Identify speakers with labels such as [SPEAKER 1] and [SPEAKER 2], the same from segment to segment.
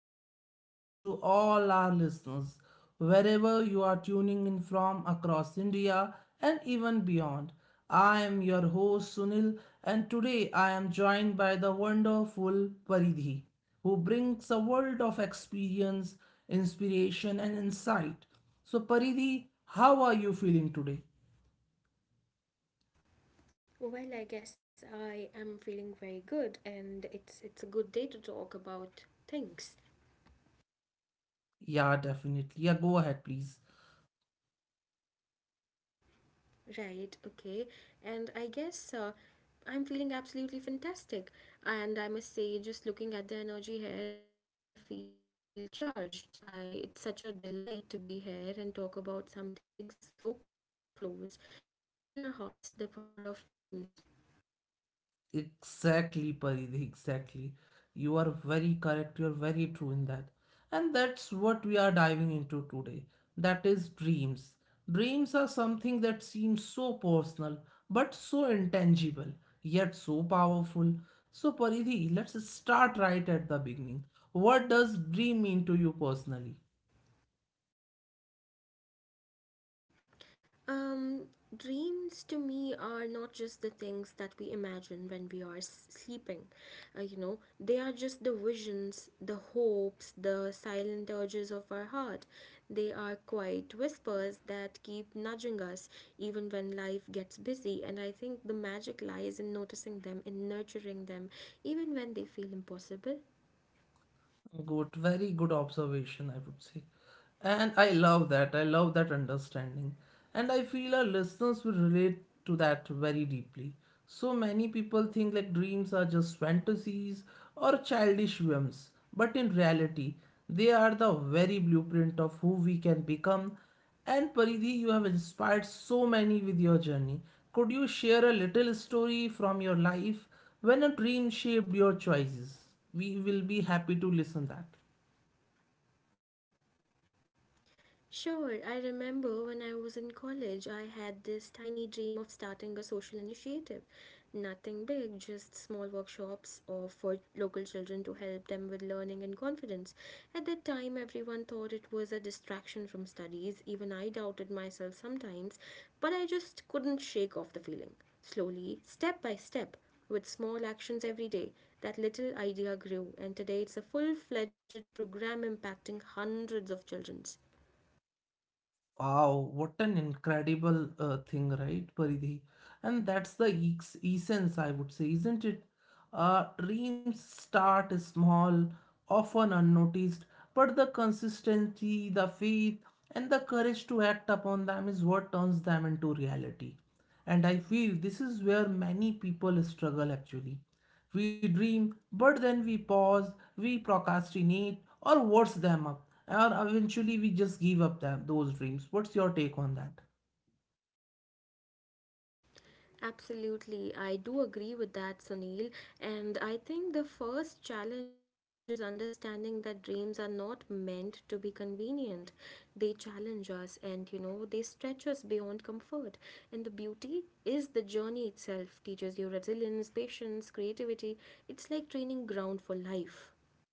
[SPEAKER 1] warm welcome to all our listeners, wherever you are tuning in from across India and even beyond. I am your host Sunil, and today I am joined by the wonderful Paridhi, who brings a world of experience, inspiration, and insight. So, Paridhi, how are you feeling today?
[SPEAKER 2] Well, I guess I am feeling very good and it's a good day to talk about things,
[SPEAKER 1] Yeah, definitely. Yeah, go ahead, please.
[SPEAKER 2] right? Okay. And I guess I'm feeling absolutely fantastic. And I must say just looking at the energy here, I feel charged. I It's such a delight to be here and talk about something so close to all our hearts, the power of dreams.
[SPEAKER 1] Exactly, Paridhi, exactly. You are very correct, you are very true in that. And that's what we are diving into today. That is dreams. Dreams are something that seems so personal, but so intangible, yet so powerful. So, Paridhi, let's start right at the beginning. What does dream mean to you personally?
[SPEAKER 2] Um, Dreams to me are not just the things that we imagine when we are sleeping. You know, they are just the visions, the hopes, the silent urges of our heart. They are quiet whispers that keep nudging us even when life gets busy. And I think the magic lies in noticing them, in nurturing them, even when they feel impossible.
[SPEAKER 1] Good, very good observation, I would say. And I love that. I love that understanding. And I feel our listeners will relate to that very deeply. So many people think like dreams are just fantasies or childish whims, but in reality, they are the very blueprint of who we can become, and Paridhi, you have inspired so many with your journey. Could you share a little story from your life when a dream shaped your choices? We will be happy to listen that.
[SPEAKER 2] Sure, I remember when I was in college, I had this tiny dream of starting a social initiative. Nothing big, just small workshops or for local children to help them with learning and confidence. At that time, everyone thought it was a distraction from studies. Even I doubted myself sometimes, but I just couldn't shake off the feeling. Slowly, step by step, with small actions every day, that little idea grew, and today it's a full fledged program impacting hundreds of children.
[SPEAKER 1] Wow, what an incredible thing, right, Paridhi? And that's the essence, I would say, isn't it? Dreams start small, often unnoticed, but the consistency, the faith, and the courage to act upon them is what turns them into reality. And I feel this is where many people struggle actually. We dream, but then we pause, we procrastinate, or worse them up. And eventually we just give up them, those dreams. What's your take on that?
[SPEAKER 2] Absolutely, I do agree with that, Sunil. And I think the first challenge is understanding that dreams are not meant to be convenient. They challenge us and, you know, they stretch us beyond comfort. And the beauty is the journey itself teaches you resilience, patience, creativity. It's like training ground for life.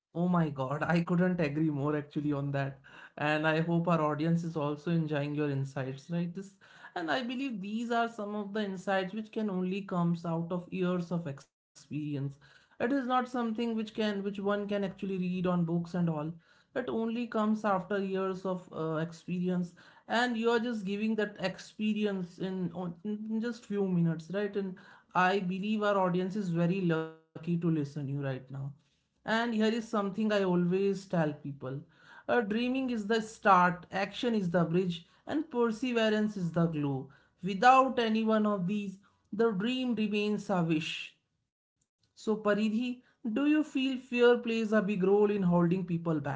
[SPEAKER 1] Oh my god, I couldn't agree more actually on that. And I hope our audience is also enjoying your insights, right? This, and I believe these are some of the insights which can only comes out of years of experience. It is not something which can which one can actually read on books and all. It only comes after years of experience, and you are just giving that experience in just few minutes, right? And I believe our audience is very lucky to listen you right now. And here is something I always tell people. Dreaming is the start, action is the bridge, and perseverance is the glue. Without any one of these, the dream remains a wish. So, Paridhi, do you feel fear plays a big role in holding people back?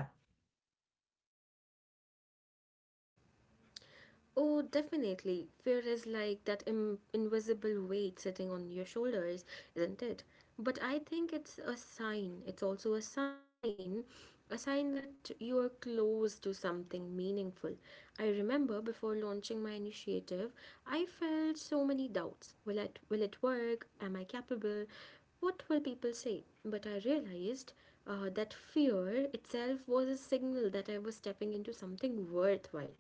[SPEAKER 2] Oh, definitely. Fear is like that invisible weight sitting on your shoulders, isn't it? But I think it's a sign. It's also a sign that you are close to something meaningful. I remember before launching my initiative, I felt so many doubts. Will it work? Am I capable? What will people say? But I realized that fear itself was a signal that I was stepping into something worthwhile.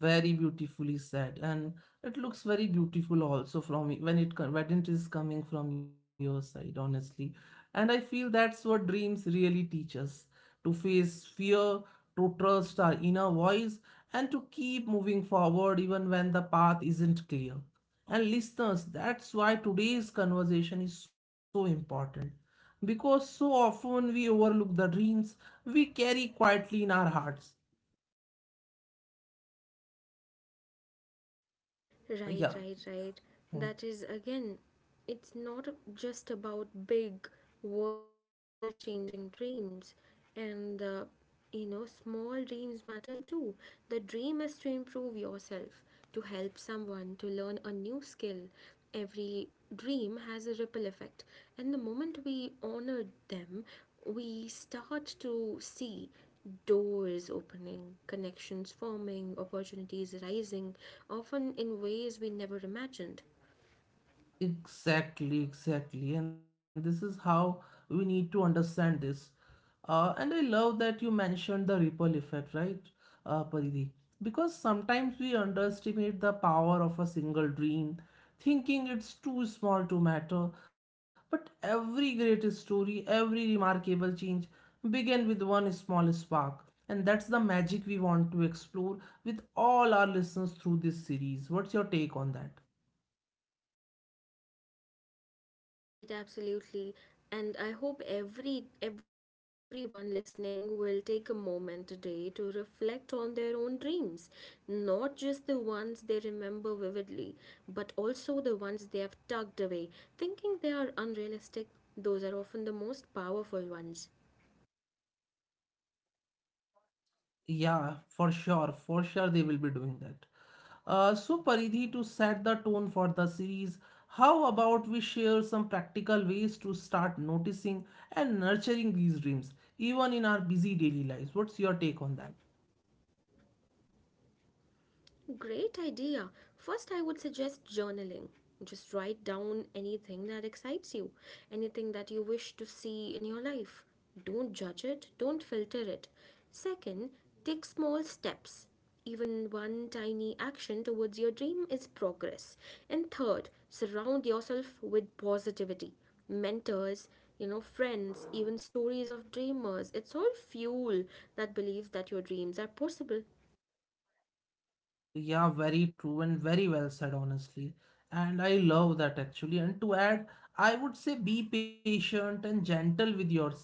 [SPEAKER 1] Very beautifully said, and it looks very beautiful also from when it when it is coming from your side, honestly. And I feel that's what dreams really teach us to face fear, to trust our inner voice, and to keep moving forward even when the path isn't clear. And listeners, that's why today's conversation is so important because so often we overlook the dreams we carry quietly in our hearts.
[SPEAKER 2] Right,
[SPEAKER 1] Yeah.
[SPEAKER 2] right, right.
[SPEAKER 1] Hmm.
[SPEAKER 2] That is again, it's not just about big world changing dreams and the you know small dreams matter too. The dream is to improve yourself, to help someone, to learn a new skill. Every dream has a ripple effect, and the moment we honor them, we start to see doors opening, connections forming, opportunities rising, often in ways we never imagined.
[SPEAKER 1] Exactly, exactly. And this is how we need to understand this. And I love that you mentioned the ripple effect, right, Paridhi? Because sometimes we underestimate the power of a single dream, thinking it's too small to matter. But every great story, every remarkable change began with one small spark. And that's the magic we want to explore with all our listeners through this series. What's your take on that?
[SPEAKER 2] Right, absolutely. And I hope everyone listening will take a moment today to reflect on their own dreams, not just the ones they remember vividly, but also the ones they have tucked away, thinking they are unrealistic. Those are often the most powerful ones.
[SPEAKER 1] Yeah, for sure they will be doing that. So Paridhi, to set the tone for the series, how about we share some practical ways to start noticing and nurturing these dreams, even in our busy daily lives? What's your take on that?
[SPEAKER 2] Great idea. First, I would suggest journaling. Just write down anything that excites you, anything that you wish to see in your life. Don't judge it, don't filter it. Second, take small steps. Even one tiny action towards your dream is progress. And third, surround yourself with positivity. Mentors, you know, friends, even stories of dreamers. It's all fuel that believes that your dreams are possible.
[SPEAKER 1] Yeah, very true and very well said, honestly. And I love that actually. And to add, I would say be patient and gentle with yourself.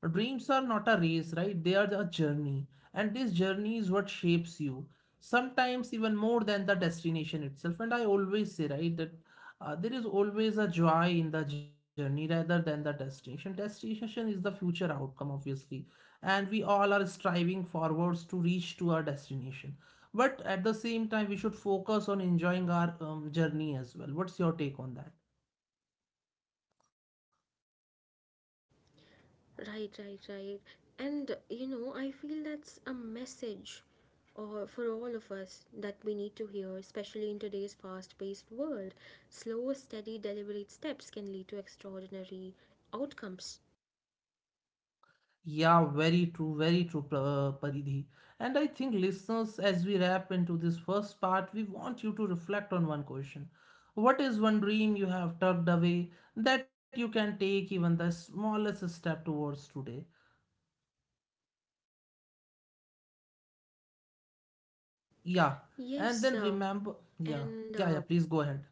[SPEAKER 1] Dreams are not a race, right? They are a journey. And this journey is what shapes you, sometimes even more than the destination itself. And I always say, right, that there is always a joy in the journey rather than the destination. Destination is the future outcome, obviously. And we all are striving forwards to reach to our destination, but at the same time, we should focus on enjoying our journey as well. What's your take on that?
[SPEAKER 2] Right, right, right. And you know, I feel that's a message or for all of us that we need to hear, especially in today's fast-paced world. Slow, steady, deliberate steps can lead to extraordinary outcomes.
[SPEAKER 1] Yeah, very true, Paridhi. And I think listeners, as we wrap into this first part, we want you to reflect on one question. What is one dream you have tucked away that you can take even the smallest step towards today? Yeah. And
[SPEAKER 2] Yes,
[SPEAKER 1] then remember, yeah,
[SPEAKER 2] and uh,
[SPEAKER 1] yeah, yeah, please go ahead.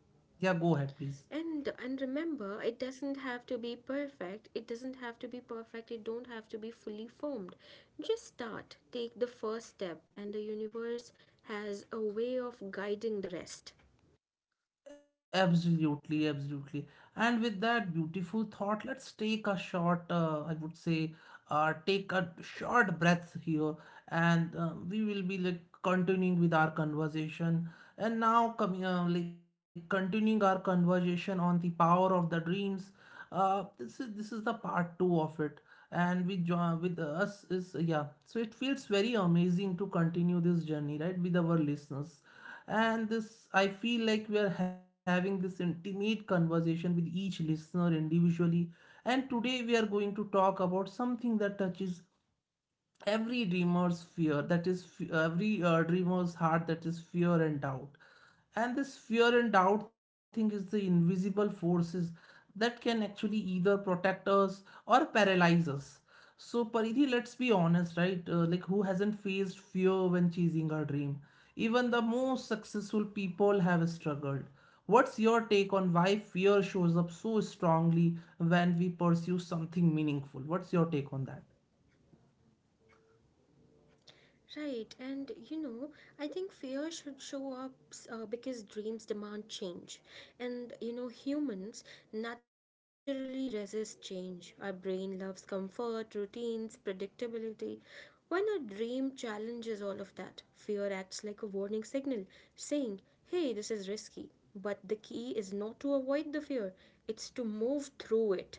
[SPEAKER 1] Yeah, go ahead, please.
[SPEAKER 2] and remember, it doesn't have to be perfect. It doesn't have to be perfect. It don't have to be fully formed. Just start. Take the first step, and the universe has a way of guiding the rest.
[SPEAKER 1] Absolutely, absolutely. And with that beautiful thought, let's take a short, I would say, take a short breath here, and we will be like continuing with our conversation. And now, coming like continuing our conversation on the power of the dreams. This is the part two of it, and with with us is, yeah, so it feels very amazing to continue this journey, right, with our listeners. And this, I feel like we are having this intimate conversation with each listener individually. And today we are going to talk about something that touches every dreamer's fear, that is, every dreamer's heart, that is fear and doubt. And this fear and doubt thing is the invisible forces that can actually either protect us or paralyze us. So, Paridhi, let's be honest, right, like who hasn't faced fear when chasing a dream? Even the most successful people have struggled. What's your take on why fear shows up so strongly when we pursue something meaningful? What's your take on that?
[SPEAKER 2] Right, and you know, I think fear should show up because dreams demand change. And you know, humans naturally resist change. Our brain loves comfort, routines, predictability. When a dream challenges all of that, fear acts like a warning signal saying, hey, this is risky. But the key is not to avoid the fear, it's to move through it.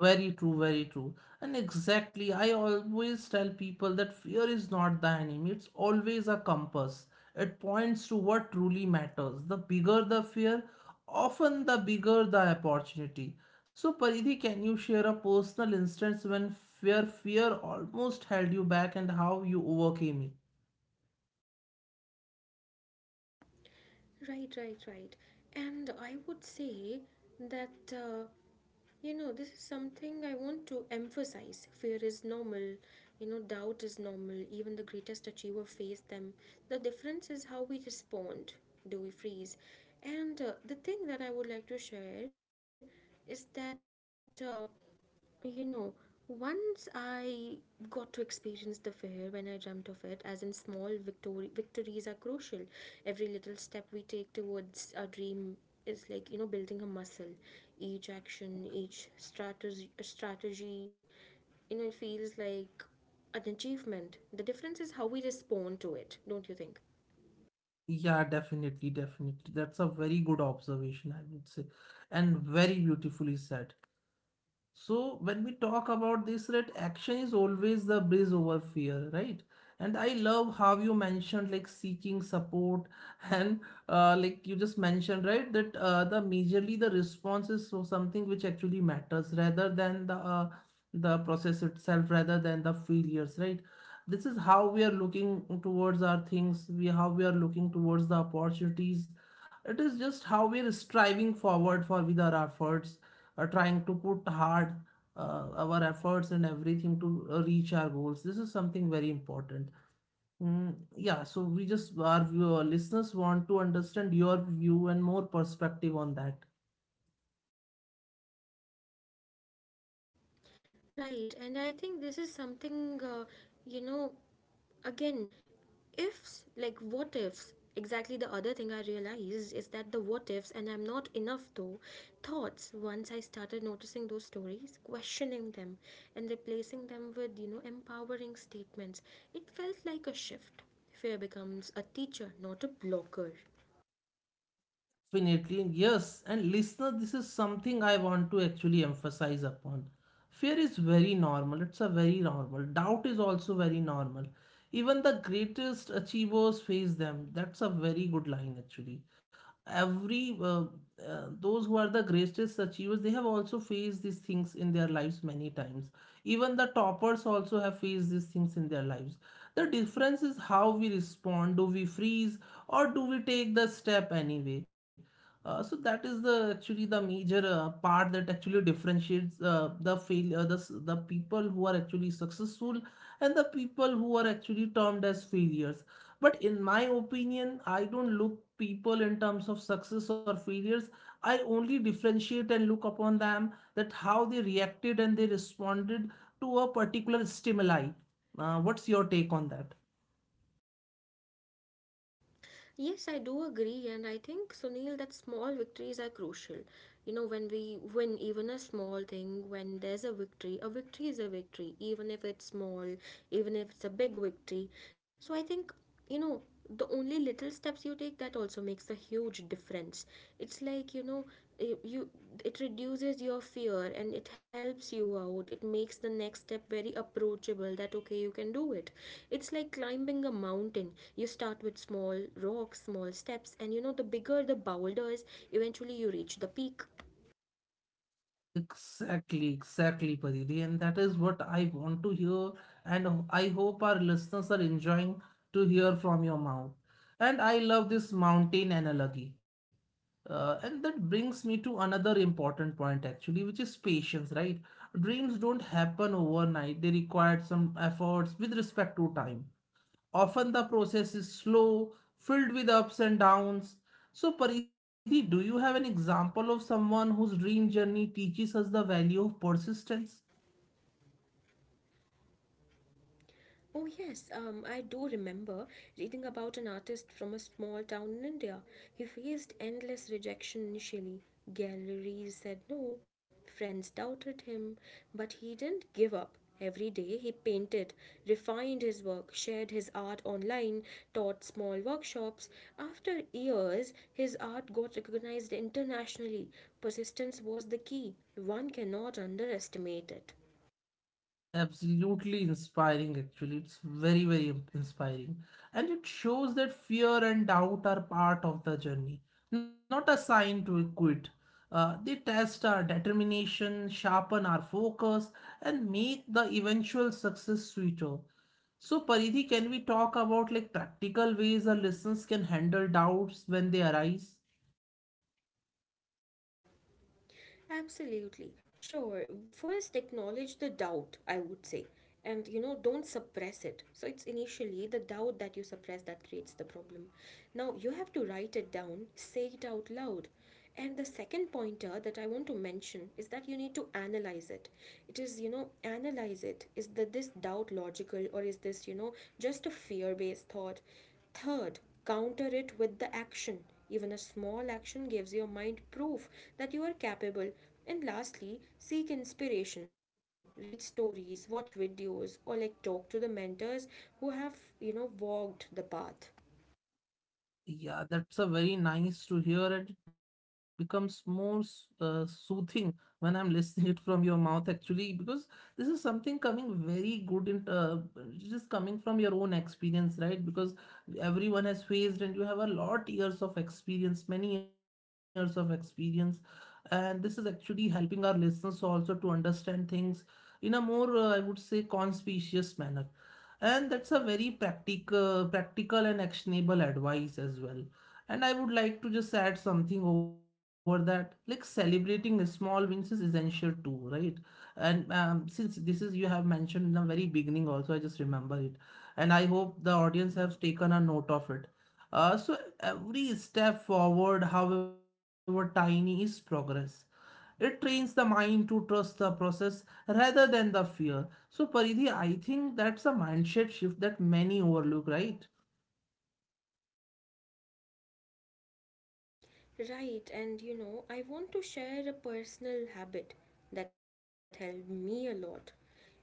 [SPEAKER 1] Very true, very true. And exactly, I always tell people that fear is not the enemy, it's always a compass. It points to what truly matters. The bigger the fear, often the bigger the opportunity. So, Paridhi, can you share a personal instance when fear almost held you back and how you overcame it?
[SPEAKER 2] Right, right, right. And I would say that, you know, this is something I want to emphasize. Fear is normal, you know, doubt is normal. Even the greatest achiever face them. The difference is how we respond. Do we freeze? And the thing that I would like to share is that. You know, once I got to experience the fair when I dreamt of it, as in small victory, victories are crucial. Every little step we take towards our dream is like, you know, building a muscle. Each action, strategy, you know, it feels like an achievement. The difference is how we respond to it, don't you think?
[SPEAKER 1] Yeah, definitely, definitely. That's a very good observation, I would say, and very beautifully said. So when we talk about this, right, action is always the bridge over fear, right? And I love how you mentioned like seeking support and like you just mentioned, right, that the majorly the response is so something which actually matters rather than the process itself, rather than the failures, right? This is how we are looking towards our things, we how we are looking towards the opportunities. It is just how we are striving forward for with our efforts, trying to put hard our efforts and everything to reach our goals. This is something very important. Mm, yeah, so we just, our our listeners want to understand your view and more perspective on that.
[SPEAKER 2] Right, and I think this is something, you know, again, ifs, like what ifs. Exactly the other thing I realized is that the what ifs, and I'm not enough though, thoughts, once I started noticing those stories, questioning them, and replacing them with, you know, empowering statements, it felt like a shift. Fear becomes a teacher, not a blocker.
[SPEAKER 1] Definitely, yes. And listener, this is something I want to actually emphasize upon. Fear is very normal. It's a very normal. Doubt is also very normal. Even the greatest achievers face them. That's a very good line, actually. Every those who are the greatest achievers, they have also faced these things in their lives many times. Even the toppers also have faced these things in their lives. The difference is how we respond. Do we freeze or do we take the step anyway? So that is the actually the major part that actually differentiates the fail the s- the people who are actually successful and the people who are actually termed as failures. But in my opinion, I don't look people in terms of success or failures. I only differentiate and look upon them that how they reacted and they responded to a particular stimuli. What's your take on that?
[SPEAKER 2] Yes, I do agree, and I think, Sunil, that small victories are crucial. You know, when we win even a small thing, when there's a victory is a victory, even if it's small, even if it's a big victory. So I think, you know, the only little steps you take that also makes a huge difference. It's like, you know, it, you it reduces your fear and it helps you out. It makes the next step very approachable, that okay, you can do it. It's like climbing a mountain. You start with small rocks, small steps, and you know the bigger the boulders, eventually you reach the peak.
[SPEAKER 1] Exactly, exactly, Pariri. And that is what I want to hear. And I hope our listeners are enjoying to hear from your mouth. And I love this mountain analogy. And that brings me to another important point, actually, which is patience, right? Dreams don't happen overnight, they require some efforts with respect to time. Often the process is slow, filled with ups and downs. So, Paridhi, do you have an example of someone whose dream journey teaches us the value of persistence?
[SPEAKER 2] Oh, yes, I do remember reading about an artist from a small town in India. He faced endless rejection initially. Galleries said no, friends doubted him, but he didn't give up. Every day he painted, refined his work, shared his art online, taught small workshops. After years, his art got recognized internationally. Persistence was the key. One cannot underestimate it.
[SPEAKER 1] Absolutely inspiring, actually. It's very, very inspiring. And it shows that fear and doubt are part of the journey, not a sign to quit. They test our determination, sharpen our focus, and make the eventual success sweeter. So, Paridhi, can we talk about like practical ways our listeners can handle doubts when they arise?
[SPEAKER 2] Absolutely. Sure. First, acknowledge the doubt, I would say. And you know, don't suppress it. So it's initially the doubt that you suppress that creates the problem. Now you have to write it down, say it out loud. And the second pointer that I want to mention is that you need to analyze it. It is, you know, analyze it. Is that this doubt logical or is this, you know, just a fear based thought? Third, counter it with the action. Even a small action gives your mind proof that you are capable. And lastly, seek inspiration. Read stories, watch videos, or like talk to the mentors who have, you know, walked the path.
[SPEAKER 1] Yeah, that's a very nice to hear, and it becomes more soothing when I'm listening it from your mouth actually, because this is something coming very good in, just coming from your own experience, right? Because everyone has faced, and you have a lot years of experience, many years of experience, and this is actually helping our listeners also to understand things in a more, I would say, conspicuous manner, and that's a very practical and actionable advice as well. And I would like to just add something over that, like celebrating small wins is essential too, right? And since this is you have mentioned in the very beginning also, I just remember it, and I hope the audience has taken a note of it. So every step forward, however tiny, is progress. It trains the mind to trust the process rather than the fear. So, Paridhi, I think that's a mindset shift that many overlook, right?
[SPEAKER 2] Right, and you know, I want to share a personal habit that helped me a lot,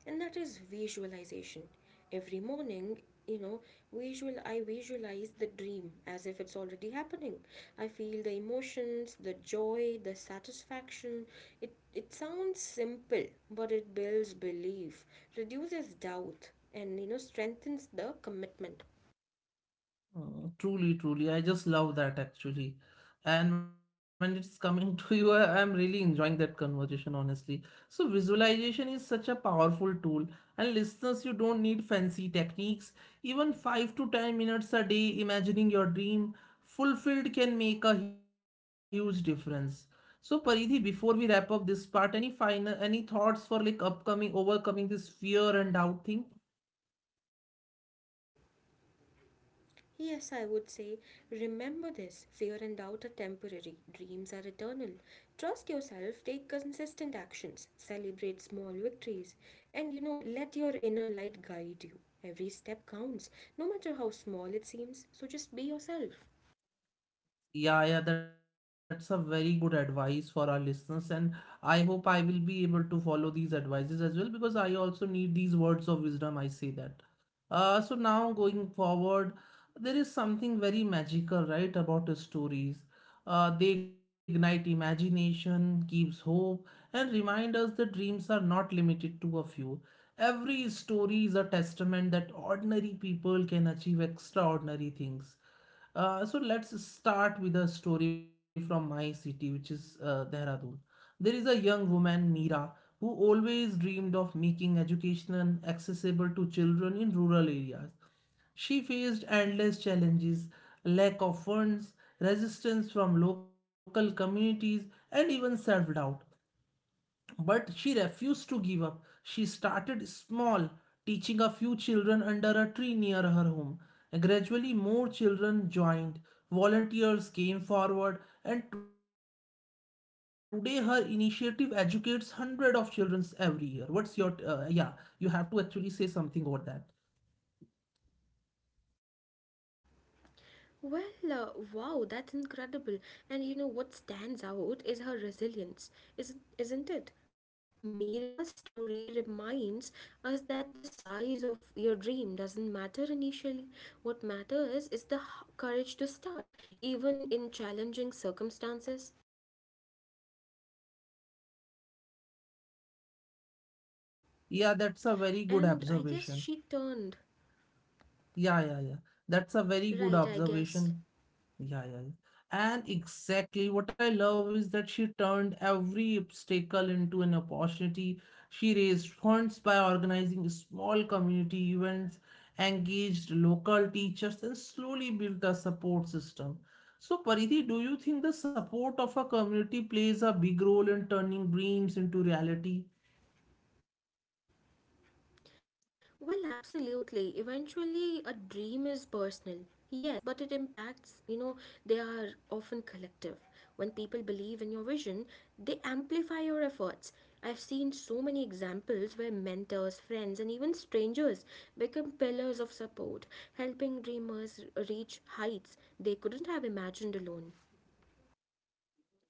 [SPEAKER 2] and that is visualization. Every morning, you know, visual I visualize the dream as if it's already happening. I feel the emotions, the joy, the satisfaction. It sounds simple, but it builds belief, reduces doubt, and you know, strengthens the commitment.
[SPEAKER 1] Oh, truly, truly. I just love that actually. And when it's coming to you, I'm really enjoying that conversation, honestly. So, visualization is such a powerful tool. And listeners, you don't need fancy techniques. Even 5 to 10 minutes a day imagining your dream fulfilled can make a huge difference. So, Paridhi, before we wrap up this part, any thoughts for like upcoming, overcoming this fear and doubt thing?
[SPEAKER 2] Yes, I would say, remember this fear and doubt are temporary, dreams are eternal. Trust yourself, take consistent actions, celebrate small victories, and you know, let your inner light guide you. Every step counts, no matter how small it seems, so just be yourself.
[SPEAKER 1] Yeah, yeah, that's a very good advice for our listeners, and I hope I will be able to follow these advices as well, because I also need these words of wisdom. I say that. So now going forward, there is something very magical, right, about stories. They ignite imagination, gives hope, and remind us that dreams are not limited to a few. Every story is a testament that ordinary people can achieve extraordinary things. So let's start with a story from my city, which is Dehradun. There is a young woman, Meera, who always dreamed of making education accessible to children in rural areas. She faced endless challenges, lack of funds, resistance from local communities, and even self doubt. But she refused to give up. She started small, teaching a few children under a tree near her home. And gradually, more children joined. Volunteers came forward, and today her initiative educates hundreds of children every year. What's your yeah? You have to actually say something over that.
[SPEAKER 2] Well, wow, that's incredible. And you know what stands out is her resilience, isn't it? Mira's story reminds us that the size of your dream doesn't matter initially. What matters is the courage to start, even in challenging circumstances.
[SPEAKER 1] Yeah, that's a very good observation.
[SPEAKER 2] And I guess she turned.
[SPEAKER 1] Yeah, yeah, yeah. That's a very good observation.
[SPEAKER 2] Right, I guess.
[SPEAKER 1] Yeah, yeah, yeah. And exactly what I love is that she turned every obstacle into an opportunity. She raised funds by organizing small community events, engaged local teachers, and slowly built a support system. So, Paridhi, do you think the support of a community plays a big role in turning dreams into reality?
[SPEAKER 2] Well, absolutely. Eventually, a dream is personal. Yes, but it impacts, you know, they are often collective. When people believe in your vision, they amplify your efforts. I've seen so many examples where mentors, friends, and even strangers become pillars of support, helping dreamers reach heights they couldn't have imagined alone.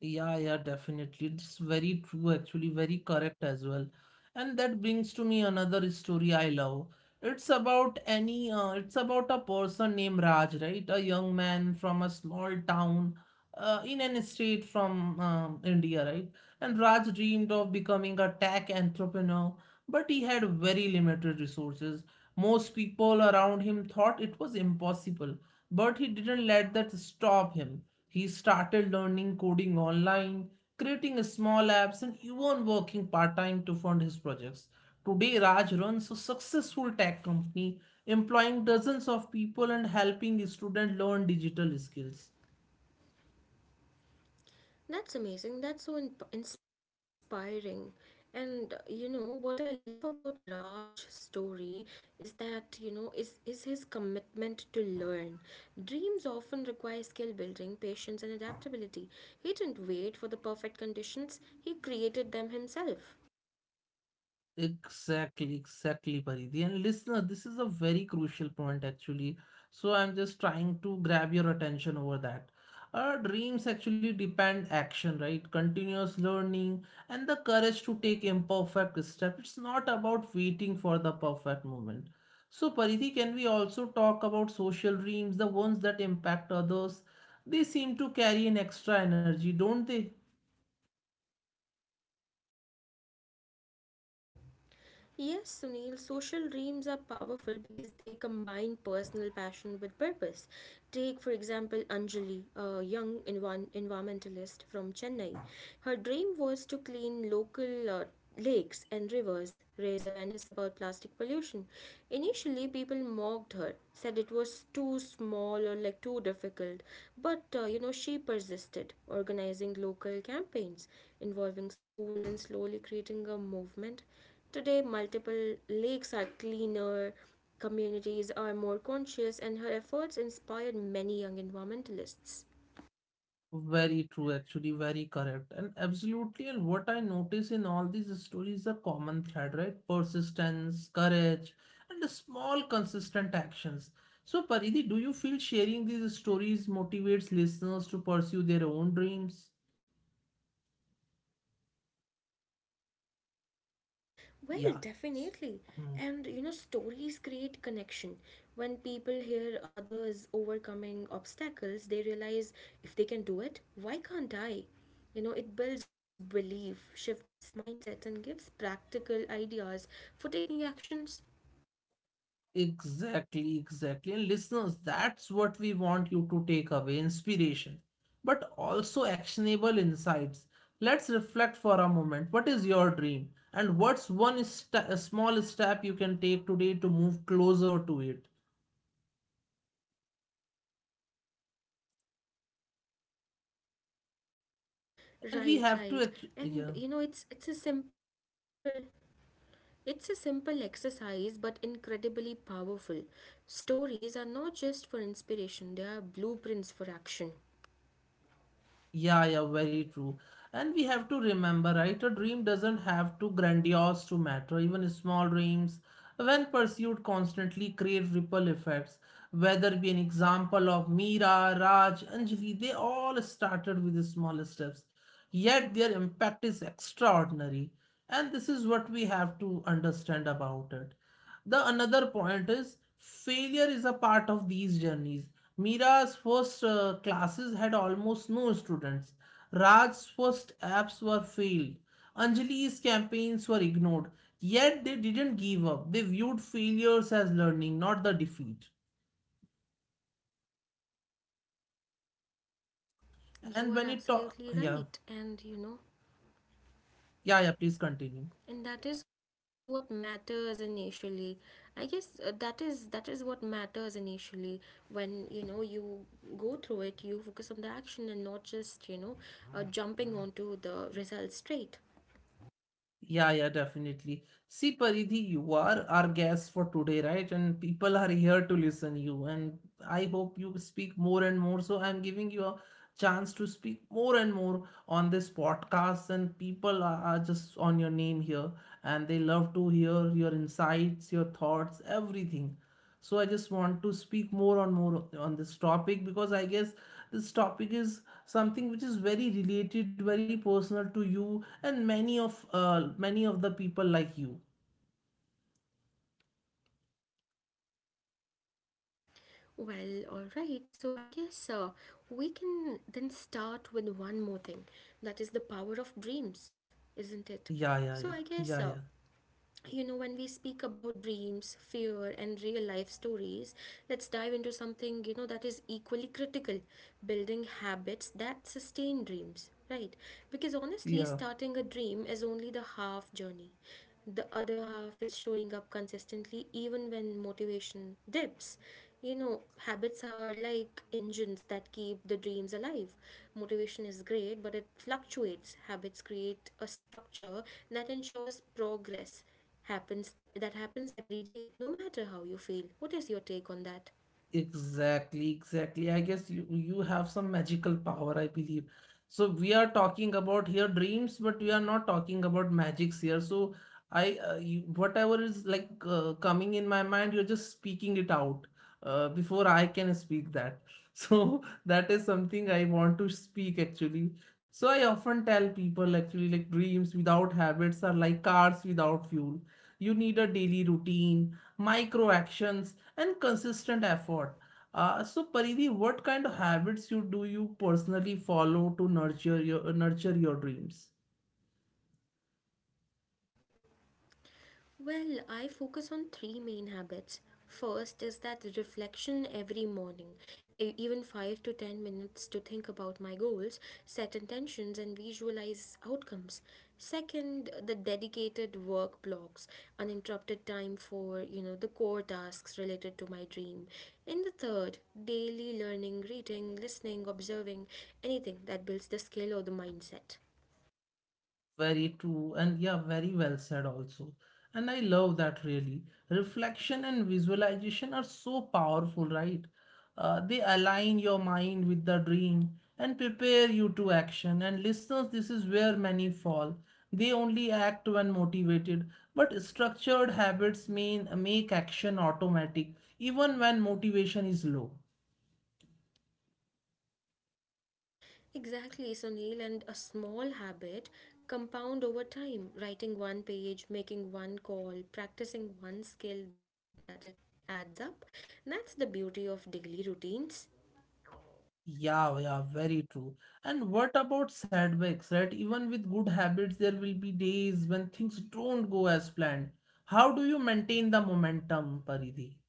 [SPEAKER 1] Yeah, yeah, definitely. It's very true, actually, very correct as well. And that brings to me another story I love. It's about it's about a person named Raj, right? A young man from a small town, in an state from India, right? And Raj dreamed of becoming a tech entrepreneur, but he had very limited resources. Most people around him thought it was impossible, but he didn't let that stop him. He started learning coding online, creating small apps, and even working part time to fund his projects. Today, Raj runs a successful tech company, employing dozens of people and helping students learn digital skills.
[SPEAKER 2] That's amazing. That's so inspiring. And you know what I love about Raj's story is that you know is his commitment to learn. Dreams often require skill building, patience, and adaptability. He didn't wait for the perfect conditions. He created them himself.
[SPEAKER 1] Exactly, exactly, Paridi. And listener, this is a very crucial point actually. So I'm just trying to grab your attention over that. Our dreams actually depend action, right? Continuous learning and the courage to take imperfect step. It's not about waiting for the perfect moment. So Paridi, can we also talk about social dreams, the ones that impact others? They seem to carry an extra energy, don't they?
[SPEAKER 2] Yes, Sunil, social dreams are powerful because they combine personal passion with purpose. Take, for example, Anjali, a young environmentalist from Chennai. Her dream was to clean local lakes and rivers, raise awareness about plastic pollution. Initially, people mocked her, said it was too small or like too difficult, but you know, she persisted, organizing local campaigns involving schools and slowly creating a movement. Today, multiple lakes are cleaner, communities are more conscious, and her efforts inspired many young environmentalists.
[SPEAKER 1] Very true, actually, very correct. And absolutely, and what I notice in all these stories, a common thread, right? Persistence, courage, and the small, consistent actions. So, Paridhi, do you feel sharing these stories motivates listeners to pursue their own dreams?
[SPEAKER 2] Well,
[SPEAKER 1] Yeah.
[SPEAKER 2] definitely. And you know, stories create connection. When people hear others overcoming obstacles, they realize if they can do it, why can't I? You know, it builds belief, shifts mindsets, and gives practical ideas for taking actions.
[SPEAKER 1] Exactly, exactly. And listeners, that's what we want you to take away, inspiration, but also actionable insights. Let's reflect for a moment. What is your dream? And what's a small step you can take today to move closer to it? And we have to,
[SPEAKER 2] Right,
[SPEAKER 1] yeah.
[SPEAKER 2] right. And you know, it's a simple it's a simple exercise but incredibly powerful. Stories are not just for inspiration, they are blueprints for action.
[SPEAKER 1] Yeah, yeah, very true. And we have to remember, right? A dream doesn't have to grandiose to matter. Even small dreams, when pursued constantly, create ripple effects. Whether be an example of Meera, Raj, Anjali, they all started with small steps. Yet their impact is extraordinary. And this is what we have to understand about it. The another point is failure is a part of these journeys. Mira's first classes had almost no students. Raj's first apps were failed. Anjali's campaigns were ignored. Yet they didn't give up. They viewed failures as learning, not the defeat.
[SPEAKER 2] You
[SPEAKER 1] And
[SPEAKER 2] are
[SPEAKER 1] when it ta-
[SPEAKER 2] absolutely
[SPEAKER 1] yeah,
[SPEAKER 2] right, and
[SPEAKER 1] yeah, yeah, please continue.
[SPEAKER 2] that is what matters initially. I guess, that is what matters initially when you go through it. You focus on the action and not just, jumping onto the result straight.
[SPEAKER 1] Yeah, yeah, definitely. See, Paridhi, you are our guest for today, right? And people are here to listen you. And I hope you speak more and more. So I'm giving you a chance to speak more and more on this podcast. And people are just on your name here, and they love to hear your insights, your thoughts, everything. So I just want to speak more on this topic because I guess this topic is something which is very related, very personal to you and many of the people like you.
[SPEAKER 2] Well, all right. So I guess, we can then start with one more thing. That is the power of dreams, isn't it?
[SPEAKER 1] Yeah, yeah, yeah.
[SPEAKER 2] So I
[SPEAKER 1] Yeah,
[SPEAKER 2] guess,
[SPEAKER 1] yeah,
[SPEAKER 2] you know, when we speak about dreams, fear and real life stories, let's dive into something, you know, that is equally critical: building habits that sustain dreams, right? Because honestly,
[SPEAKER 1] yeah.
[SPEAKER 2] starting a dream is only the half journey. The other half is showing up consistently even when motivation dips. You know, habits are like engines that keep the dreams alive. Motivation is great, but it fluctuates. Habits create a structure that ensures progress happens every day, no matter how you feel. What is your take on that?
[SPEAKER 1] Exactly, exactly. I guess you have some magical power, I believe. So we are talking about here dreams, but we are not talking about magics here. So whatever is like coming in my mind, you're just speaking it out before I can speak that. So that is something I want to speak actually. So I often tell people actually, like, dreams without habits are like cars without fuel. You need a daily routine, micro actions, and consistent effort. So Paridhi, what kind of habits you do you personally follow to nurture your dreams?
[SPEAKER 2] Well, I focus on three main habits. First is that reflection every morning, even 5 to 10 minutes to think about my goals, set intentions, and visualize outcomes. Second, the dedicated work blocks, uninterrupted time for, you know, the core tasks related to my dream. And the third, daily learning, reading, listening, observing, anything that builds the skill or the mindset.
[SPEAKER 1] Very true, and yeah, very well said also. And I love that really. Reflection and visualization are so powerful, right? They align your mind with the dream and prepare you to action. And listeners, this is where many fall. They only act when motivated, but structured habits mean make action automatic, even when motivation is low.
[SPEAKER 2] Exactly, Sunil, and a small habit compound over time. Writing one page, making one call, practicing one skill, that it adds up. That's the beauty of daily routines.
[SPEAKER 1] Yeah, yeah, very true. And what about setbacks, right? Even with good habits, there will be days when things don't go as planned. How do you maintain the momentum, Paridhi?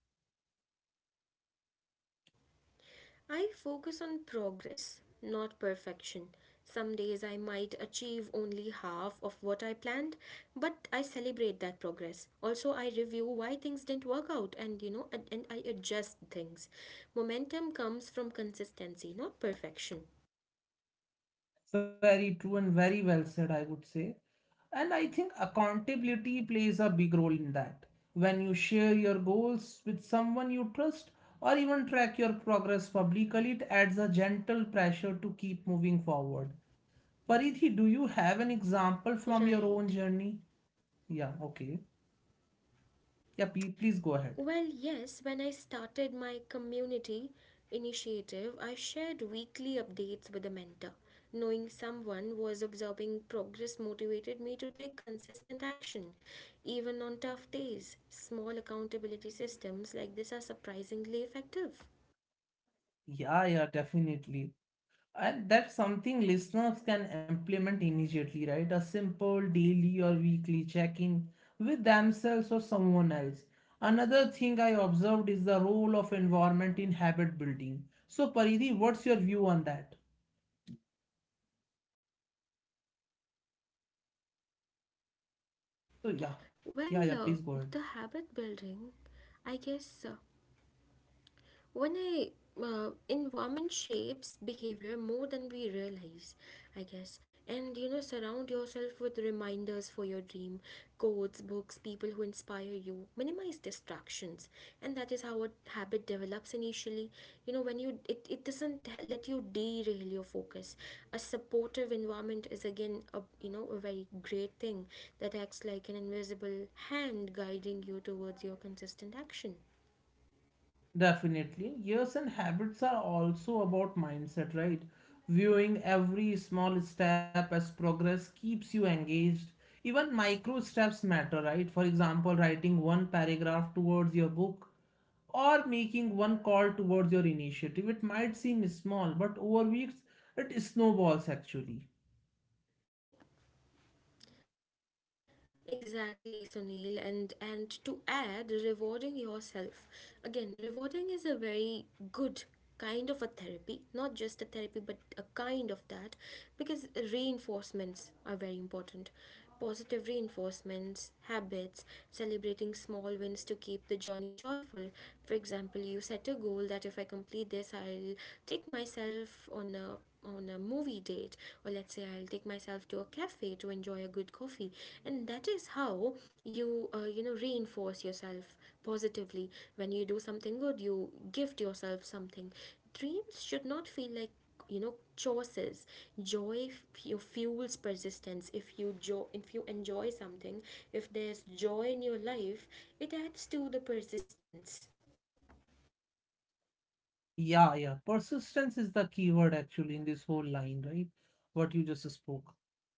[SPEAKER 2] I focus on progress, not perfection. Some days I might achieve only half of what I planned, but I celebrate that progress. Also, I review why things didn't work out, and I adjust things. Momentum comes from consistency, not perfection.
[SPEAKER 1] Very true and very well said, I would say. And I think accountability plays a big role in that. When you share your goals with someone you trust or even track your progress publicly, it adds a gentle pressure to keep moving forward. Paridhi, do you have an example from your own
[SPEAKER 2] Right.
[SPEAKER 1] journey? Yeah, okay. Yeah, please go ahead.
[SPEAKER 2] Well, yes, when I started my community initiative, I shared weekly updates with a mentor. Knowing someone was observing progress motivated me to take consistent action, even on tough days. Small accountability systems like this are surprisingly effective.
[SPEAKER 1] Yeah, yeah, definitely. And that's something listeners can implement immediately, right? A simple daily or weekly check-in with themselves or someone else. Another thing I observed is the role of environment in habit building. So, Paridi, what's your view on that? So, yeah, yeah,
[SPEAKER 2] Well,
[SPEAKER 1] yeah, please go ahead.
[SPEAKER 2] the habit building, I guess, when I environment shapes behavior more than we realize, I guess. And you know, surround yourself with reminders for your dream, quotes, books, people who inspire you. Minimize distractions, and that is how a habit develops initially. You know, when it doesn't let you derail your focus. A supportive environment is again, a you know, a very great thing that acts like an invisible hand guiding you towards your consistent action.
[SPEAKER 1] Definitely. Years and habits are also about mindset, right? Viewing every small step as progress keeps you engaged. Even micro steps matter, right? For example, writing one paragraph towards your book or making one call towards your initiative. It might seem small, but over weeks it snowballs actually.
[SPEAKER 2] Exactly, Sunil, and to add, rewarding yourself. Again, rewarding is a very good kind of a therapy, not just a therapy, but a kind of that, because reinforcements are very important. Positive reinforcements, habits, celebrating small wins to keep the journey joyful. For example, you set a goal that if I complete this, I'll take myself on a movie date, or let's say I'll take myself to a cafe to enjoy a good coffee. And that is how you, you know, reinforce yourself positively. When you do something good, you gift yourself something. Dreams should not feel like, you know, choices. Joy f- you fuels persistence. If you enjoy something, if there's joy in your life, it adds to the persistence.
[SPEAKER 1] Yeah, yeah. Persistence is the key word actually in this whole line, right? What you just spoke.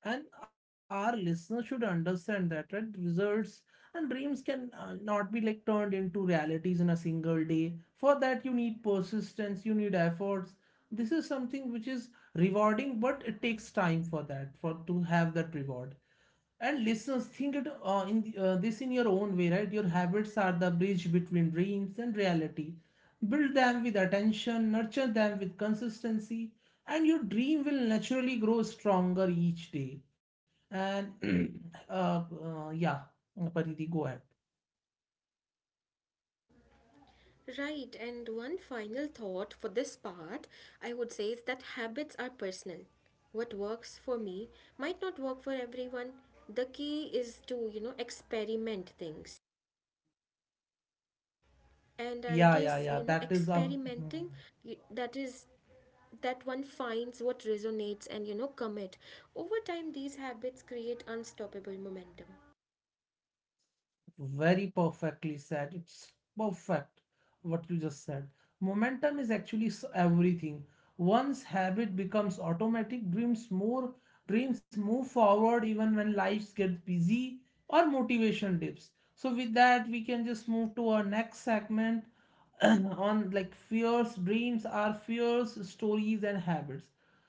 [SPEAKER 1] And our listeners should understand that, right? Results and dreams can not be like turned into realities in a single day. For that, you need persistence, you need efforts. This is something which is rewarding, but it takes time for that, for to have that reward. And listeners, think it this in your own way, right? Your habits are the bridge between dreams and reality. Build them with attention, nurture them with consistency, and your dream will naturally grow stronger each day. And uh, uh, yeah, Paridhi, go ahead.
[SPEAKER 2] Right, and one final thought for this part, I would say, is that habits are personal. What works for me might not work for everyone. The key is to, you know, experiment things. And I guess,
[SPEAKER 1] Yeah,
[SPEAKER 2] you
[SPEAKER 1] yeah,
[SPEAKER 2] know,
[SPEAKER 1] yeah. That is a.
[SPEAKER 2] experimenting, that is that one finds what resonates, and you know, commit. Over time, these habits create unstoppable momentum.
[SPEAKER 1] Very perfectly said. It's perfect what you just said. Momentum is actually everything. Once habit becomes automatic, dreams move forward even when lives get busy or motivation dips. So with that, we can just move to our next segment on like fears, dreams are fears, stories and habits.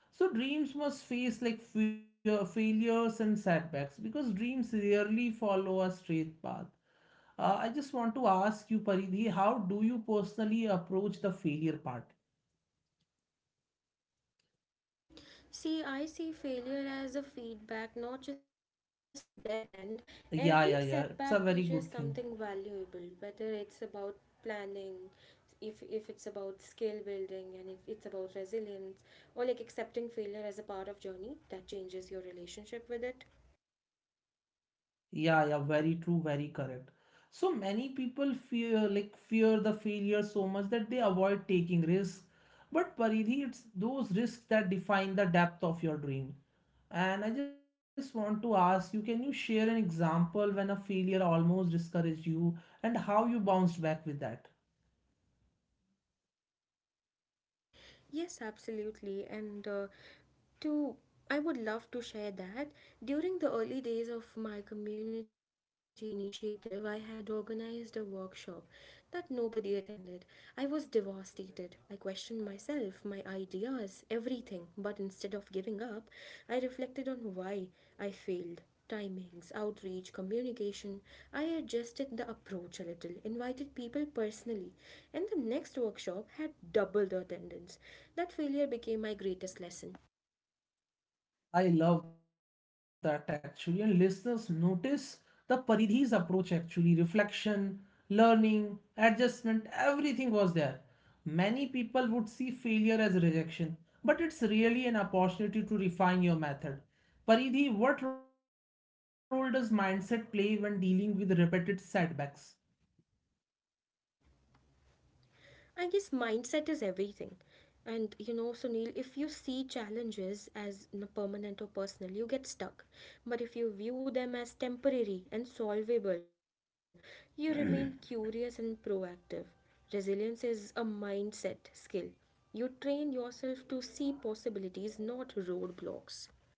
[SPEAKER 1] So dreams must face like fear, failures and setbacks because dreams rarely follow a straight path. I just want to ask you, Paridhi, how do you personally approach the failure part?
[SPEAKER 2] See, I see failure as a feedback, not just a dead end. Every
[SPEAKER 1] Yeah, yeah, yeah.
[SPEAKER 2] setback
[SPEAKER 1] It's a
[SPEAKER 2] teaches
[SPEAKER 1] very good
[SPEAKER 2] something
[SPEAKER 1] thing.
[SPEAKER 2] valuable, whether it's about planning, if it's about skill building, and if it's about resilience, or like accepting failure as a part of journey, that changes your relationship with it.
[SPEAKER 1] Yeah, yeah. Very true. Very correct. So many people fear, like, fear the failure so much that they avoid taking risks. But Paridhi, it's those risks that define the depth of your dream. And I just want to ask you, can you share an example when a failure almost discouraged you and how you bounced back with that?
[SPEAKER 2] Yes, absolutely. And to I would love to share that. During the early days of my community initiative, I had organized a workshop that nobody attended. I was devastated. I questioned myself, my ideas, everything. But instead of giving up, I reflected on why I failed. Timings, outreach, communication. I adjusted the approach a little, invited people personally, and the next workshop had double the attendance. That failure became my greatest lesson.
[SPEAKER 1] I love that actually. And listeners notice the Paridhi's approach actually reflection, learning, adjustment, everything was there. Many people would see failure as rejection, but it's really an opportunity to refine your method. Paridhi, what role does mindset play when dealing with repeated setbacks?
[SPEAKER 2] I guess mindset is everything. And you know, Sunil, if you see challenges as permanent or personal, you get stuck. But if you view them as temporary and solvable, you remain curious and proactive. Resilience is a mindset skill. You train yourself to see possibilities, not roadblocks.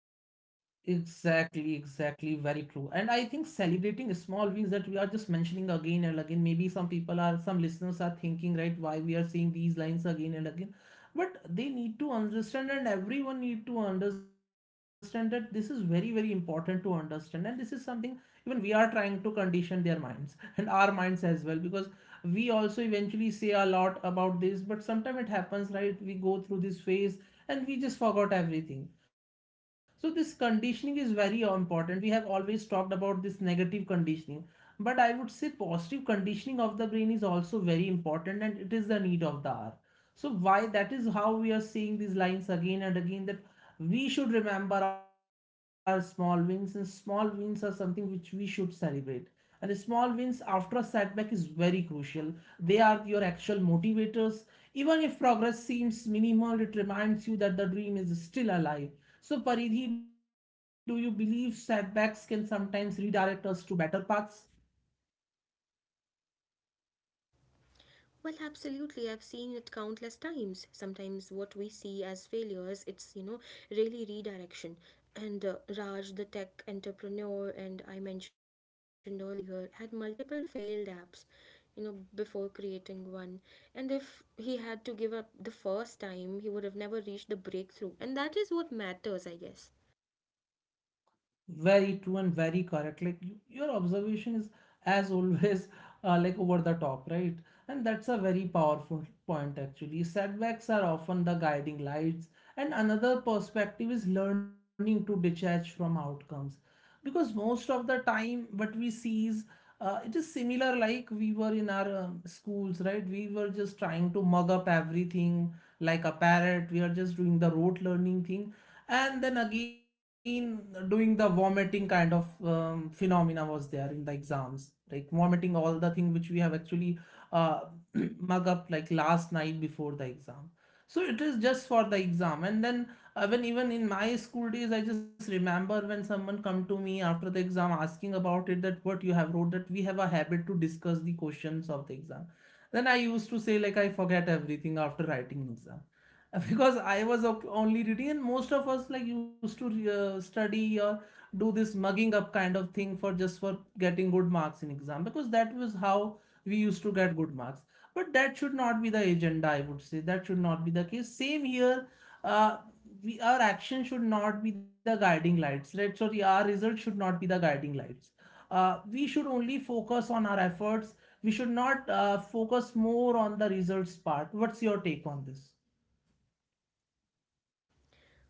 [SPEAKER 1] Exactly, exactly, very true. And I think celebrating small wins that we are just mentioning again and again. Maybe some people are, some listeners are thinking, right, why we are seeing these lines again and again, but they need to understand, and everyone need to understand that this is very, very important to understand, and this is something even we are trying to condition their minds and our minds as well, because we also eventually say a lot about this, but sometimes it happens, right, we go through this phase and we just forgot everything. So this conditioning is very important. We have always talked about this negative conditioning, but I would say positive conditioning of the brain is also very important, and it is the need of the hour. So why that is how we are seeing these lines again and again, that we should remember our small wins, and small wins are something which we should celebrate. And small wins after a setback is very crucial. They are your actual motivators. Even if progress seems minimal, it reminds you that the dream is still alive. So Paridhi, do you believe setbacks can sometimes redirect us to better paths?
[SPEAKER 2] Well, absolutely. I've seen it countless times. Sometimes what we see as failures, it's, you know, really redirection. And Raj, the tech entrepreneur, and I mentioned earlier, had multiple failed apps, you know, before creating one. And if he had to give up the first time, he would have never reached the breakthrough. And that is what matters, I guess.
[SPEAKER 1] Very true and very correct. Like you, your observation is, as always, like over the top, right? And that's a very powerful point, actually. Setbacks are often the guiding lights. And another perspective is learning to detach from outcomes. Because most of the time, what we see is it is similar like we were in our schools, right? We were just trying to mug up everything like a parrot. We are just doing the rote learning thing and then again doing the vomiting kind of phenomena was there in the exams, like vomiting all the thing which we have actually uh, mug up like last night before the exam. So it is just for the exam, and then when even in my school days, I just remember when someone come to me after the exam asking about it, that what you have wrote, that we have a habit to discuss the questions of the exam, then I used to say like I forget everything after writing exam because only reading, and most of us like used to study or do this mugging up kind of thing for just for getting good marks in exam, because that was how we used to get good marks. But that should not be the agenda, I would say. That should not be the case. Same here. Uh, we our action should not be the guiding lights, right? Sorry, our result should not be the guiding lights. We should only focus on our efforts. We should not focus more on the results part. What's your take on this?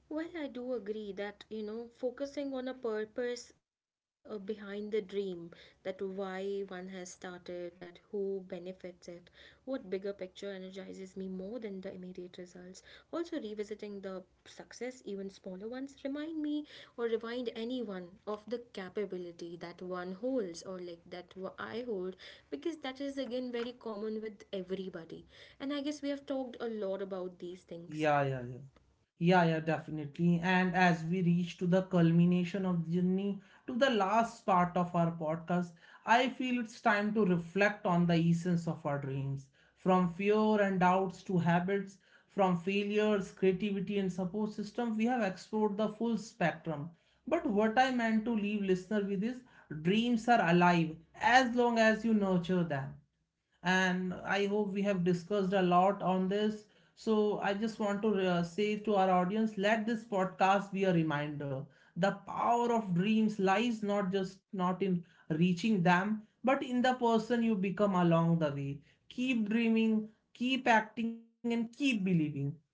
[SPEAKER 2] Well, I do agree that, you know, focusing on a purpose behind the dream, that why one has started, that who benefits it, what bigger picture energizes me more than the immediate results. Also, revisiting the success, even smaller ones, remind me or remind anyone of the capability that one holds, or like that I hold, because that is again very common with everybody. And I guess we have talked a lot about these things.
[SPEAKER 1] Yeah, yeah, yeah. Yeah, yeah, definitely. And as we reach to the culmination of the journey, to the last part of our podcast, I feel it's time to reflect on the essence of our dreams. From fear and doubts to habits, from failures, creativity, and support system, we have explored the full spectrum. But what I meant to leave listener with is dreams are alive as long as you nurture them, and I hope we have discussed a lot on this. So I just want to say to our audience, let this podcast be a reminder. The power of dreams lies not just not in reaching them, but in the person you become along the way. Keep dreaming, keep acting, and keep believing.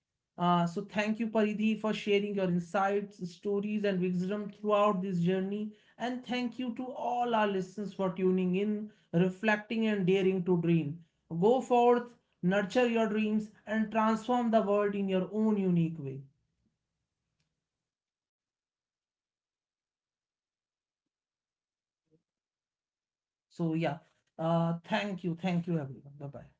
[SPEAKER 1] So thank you, Paridhi, for sharing your insights, stories, and wisdom throughout this journey. And thank you to all our listeners for tuning in, reflecting and daring to dream. Go forth, nurture your dreams, and transform the world in your own unique way. So, yeah, thank you. Thank you, everyone. Bye bye.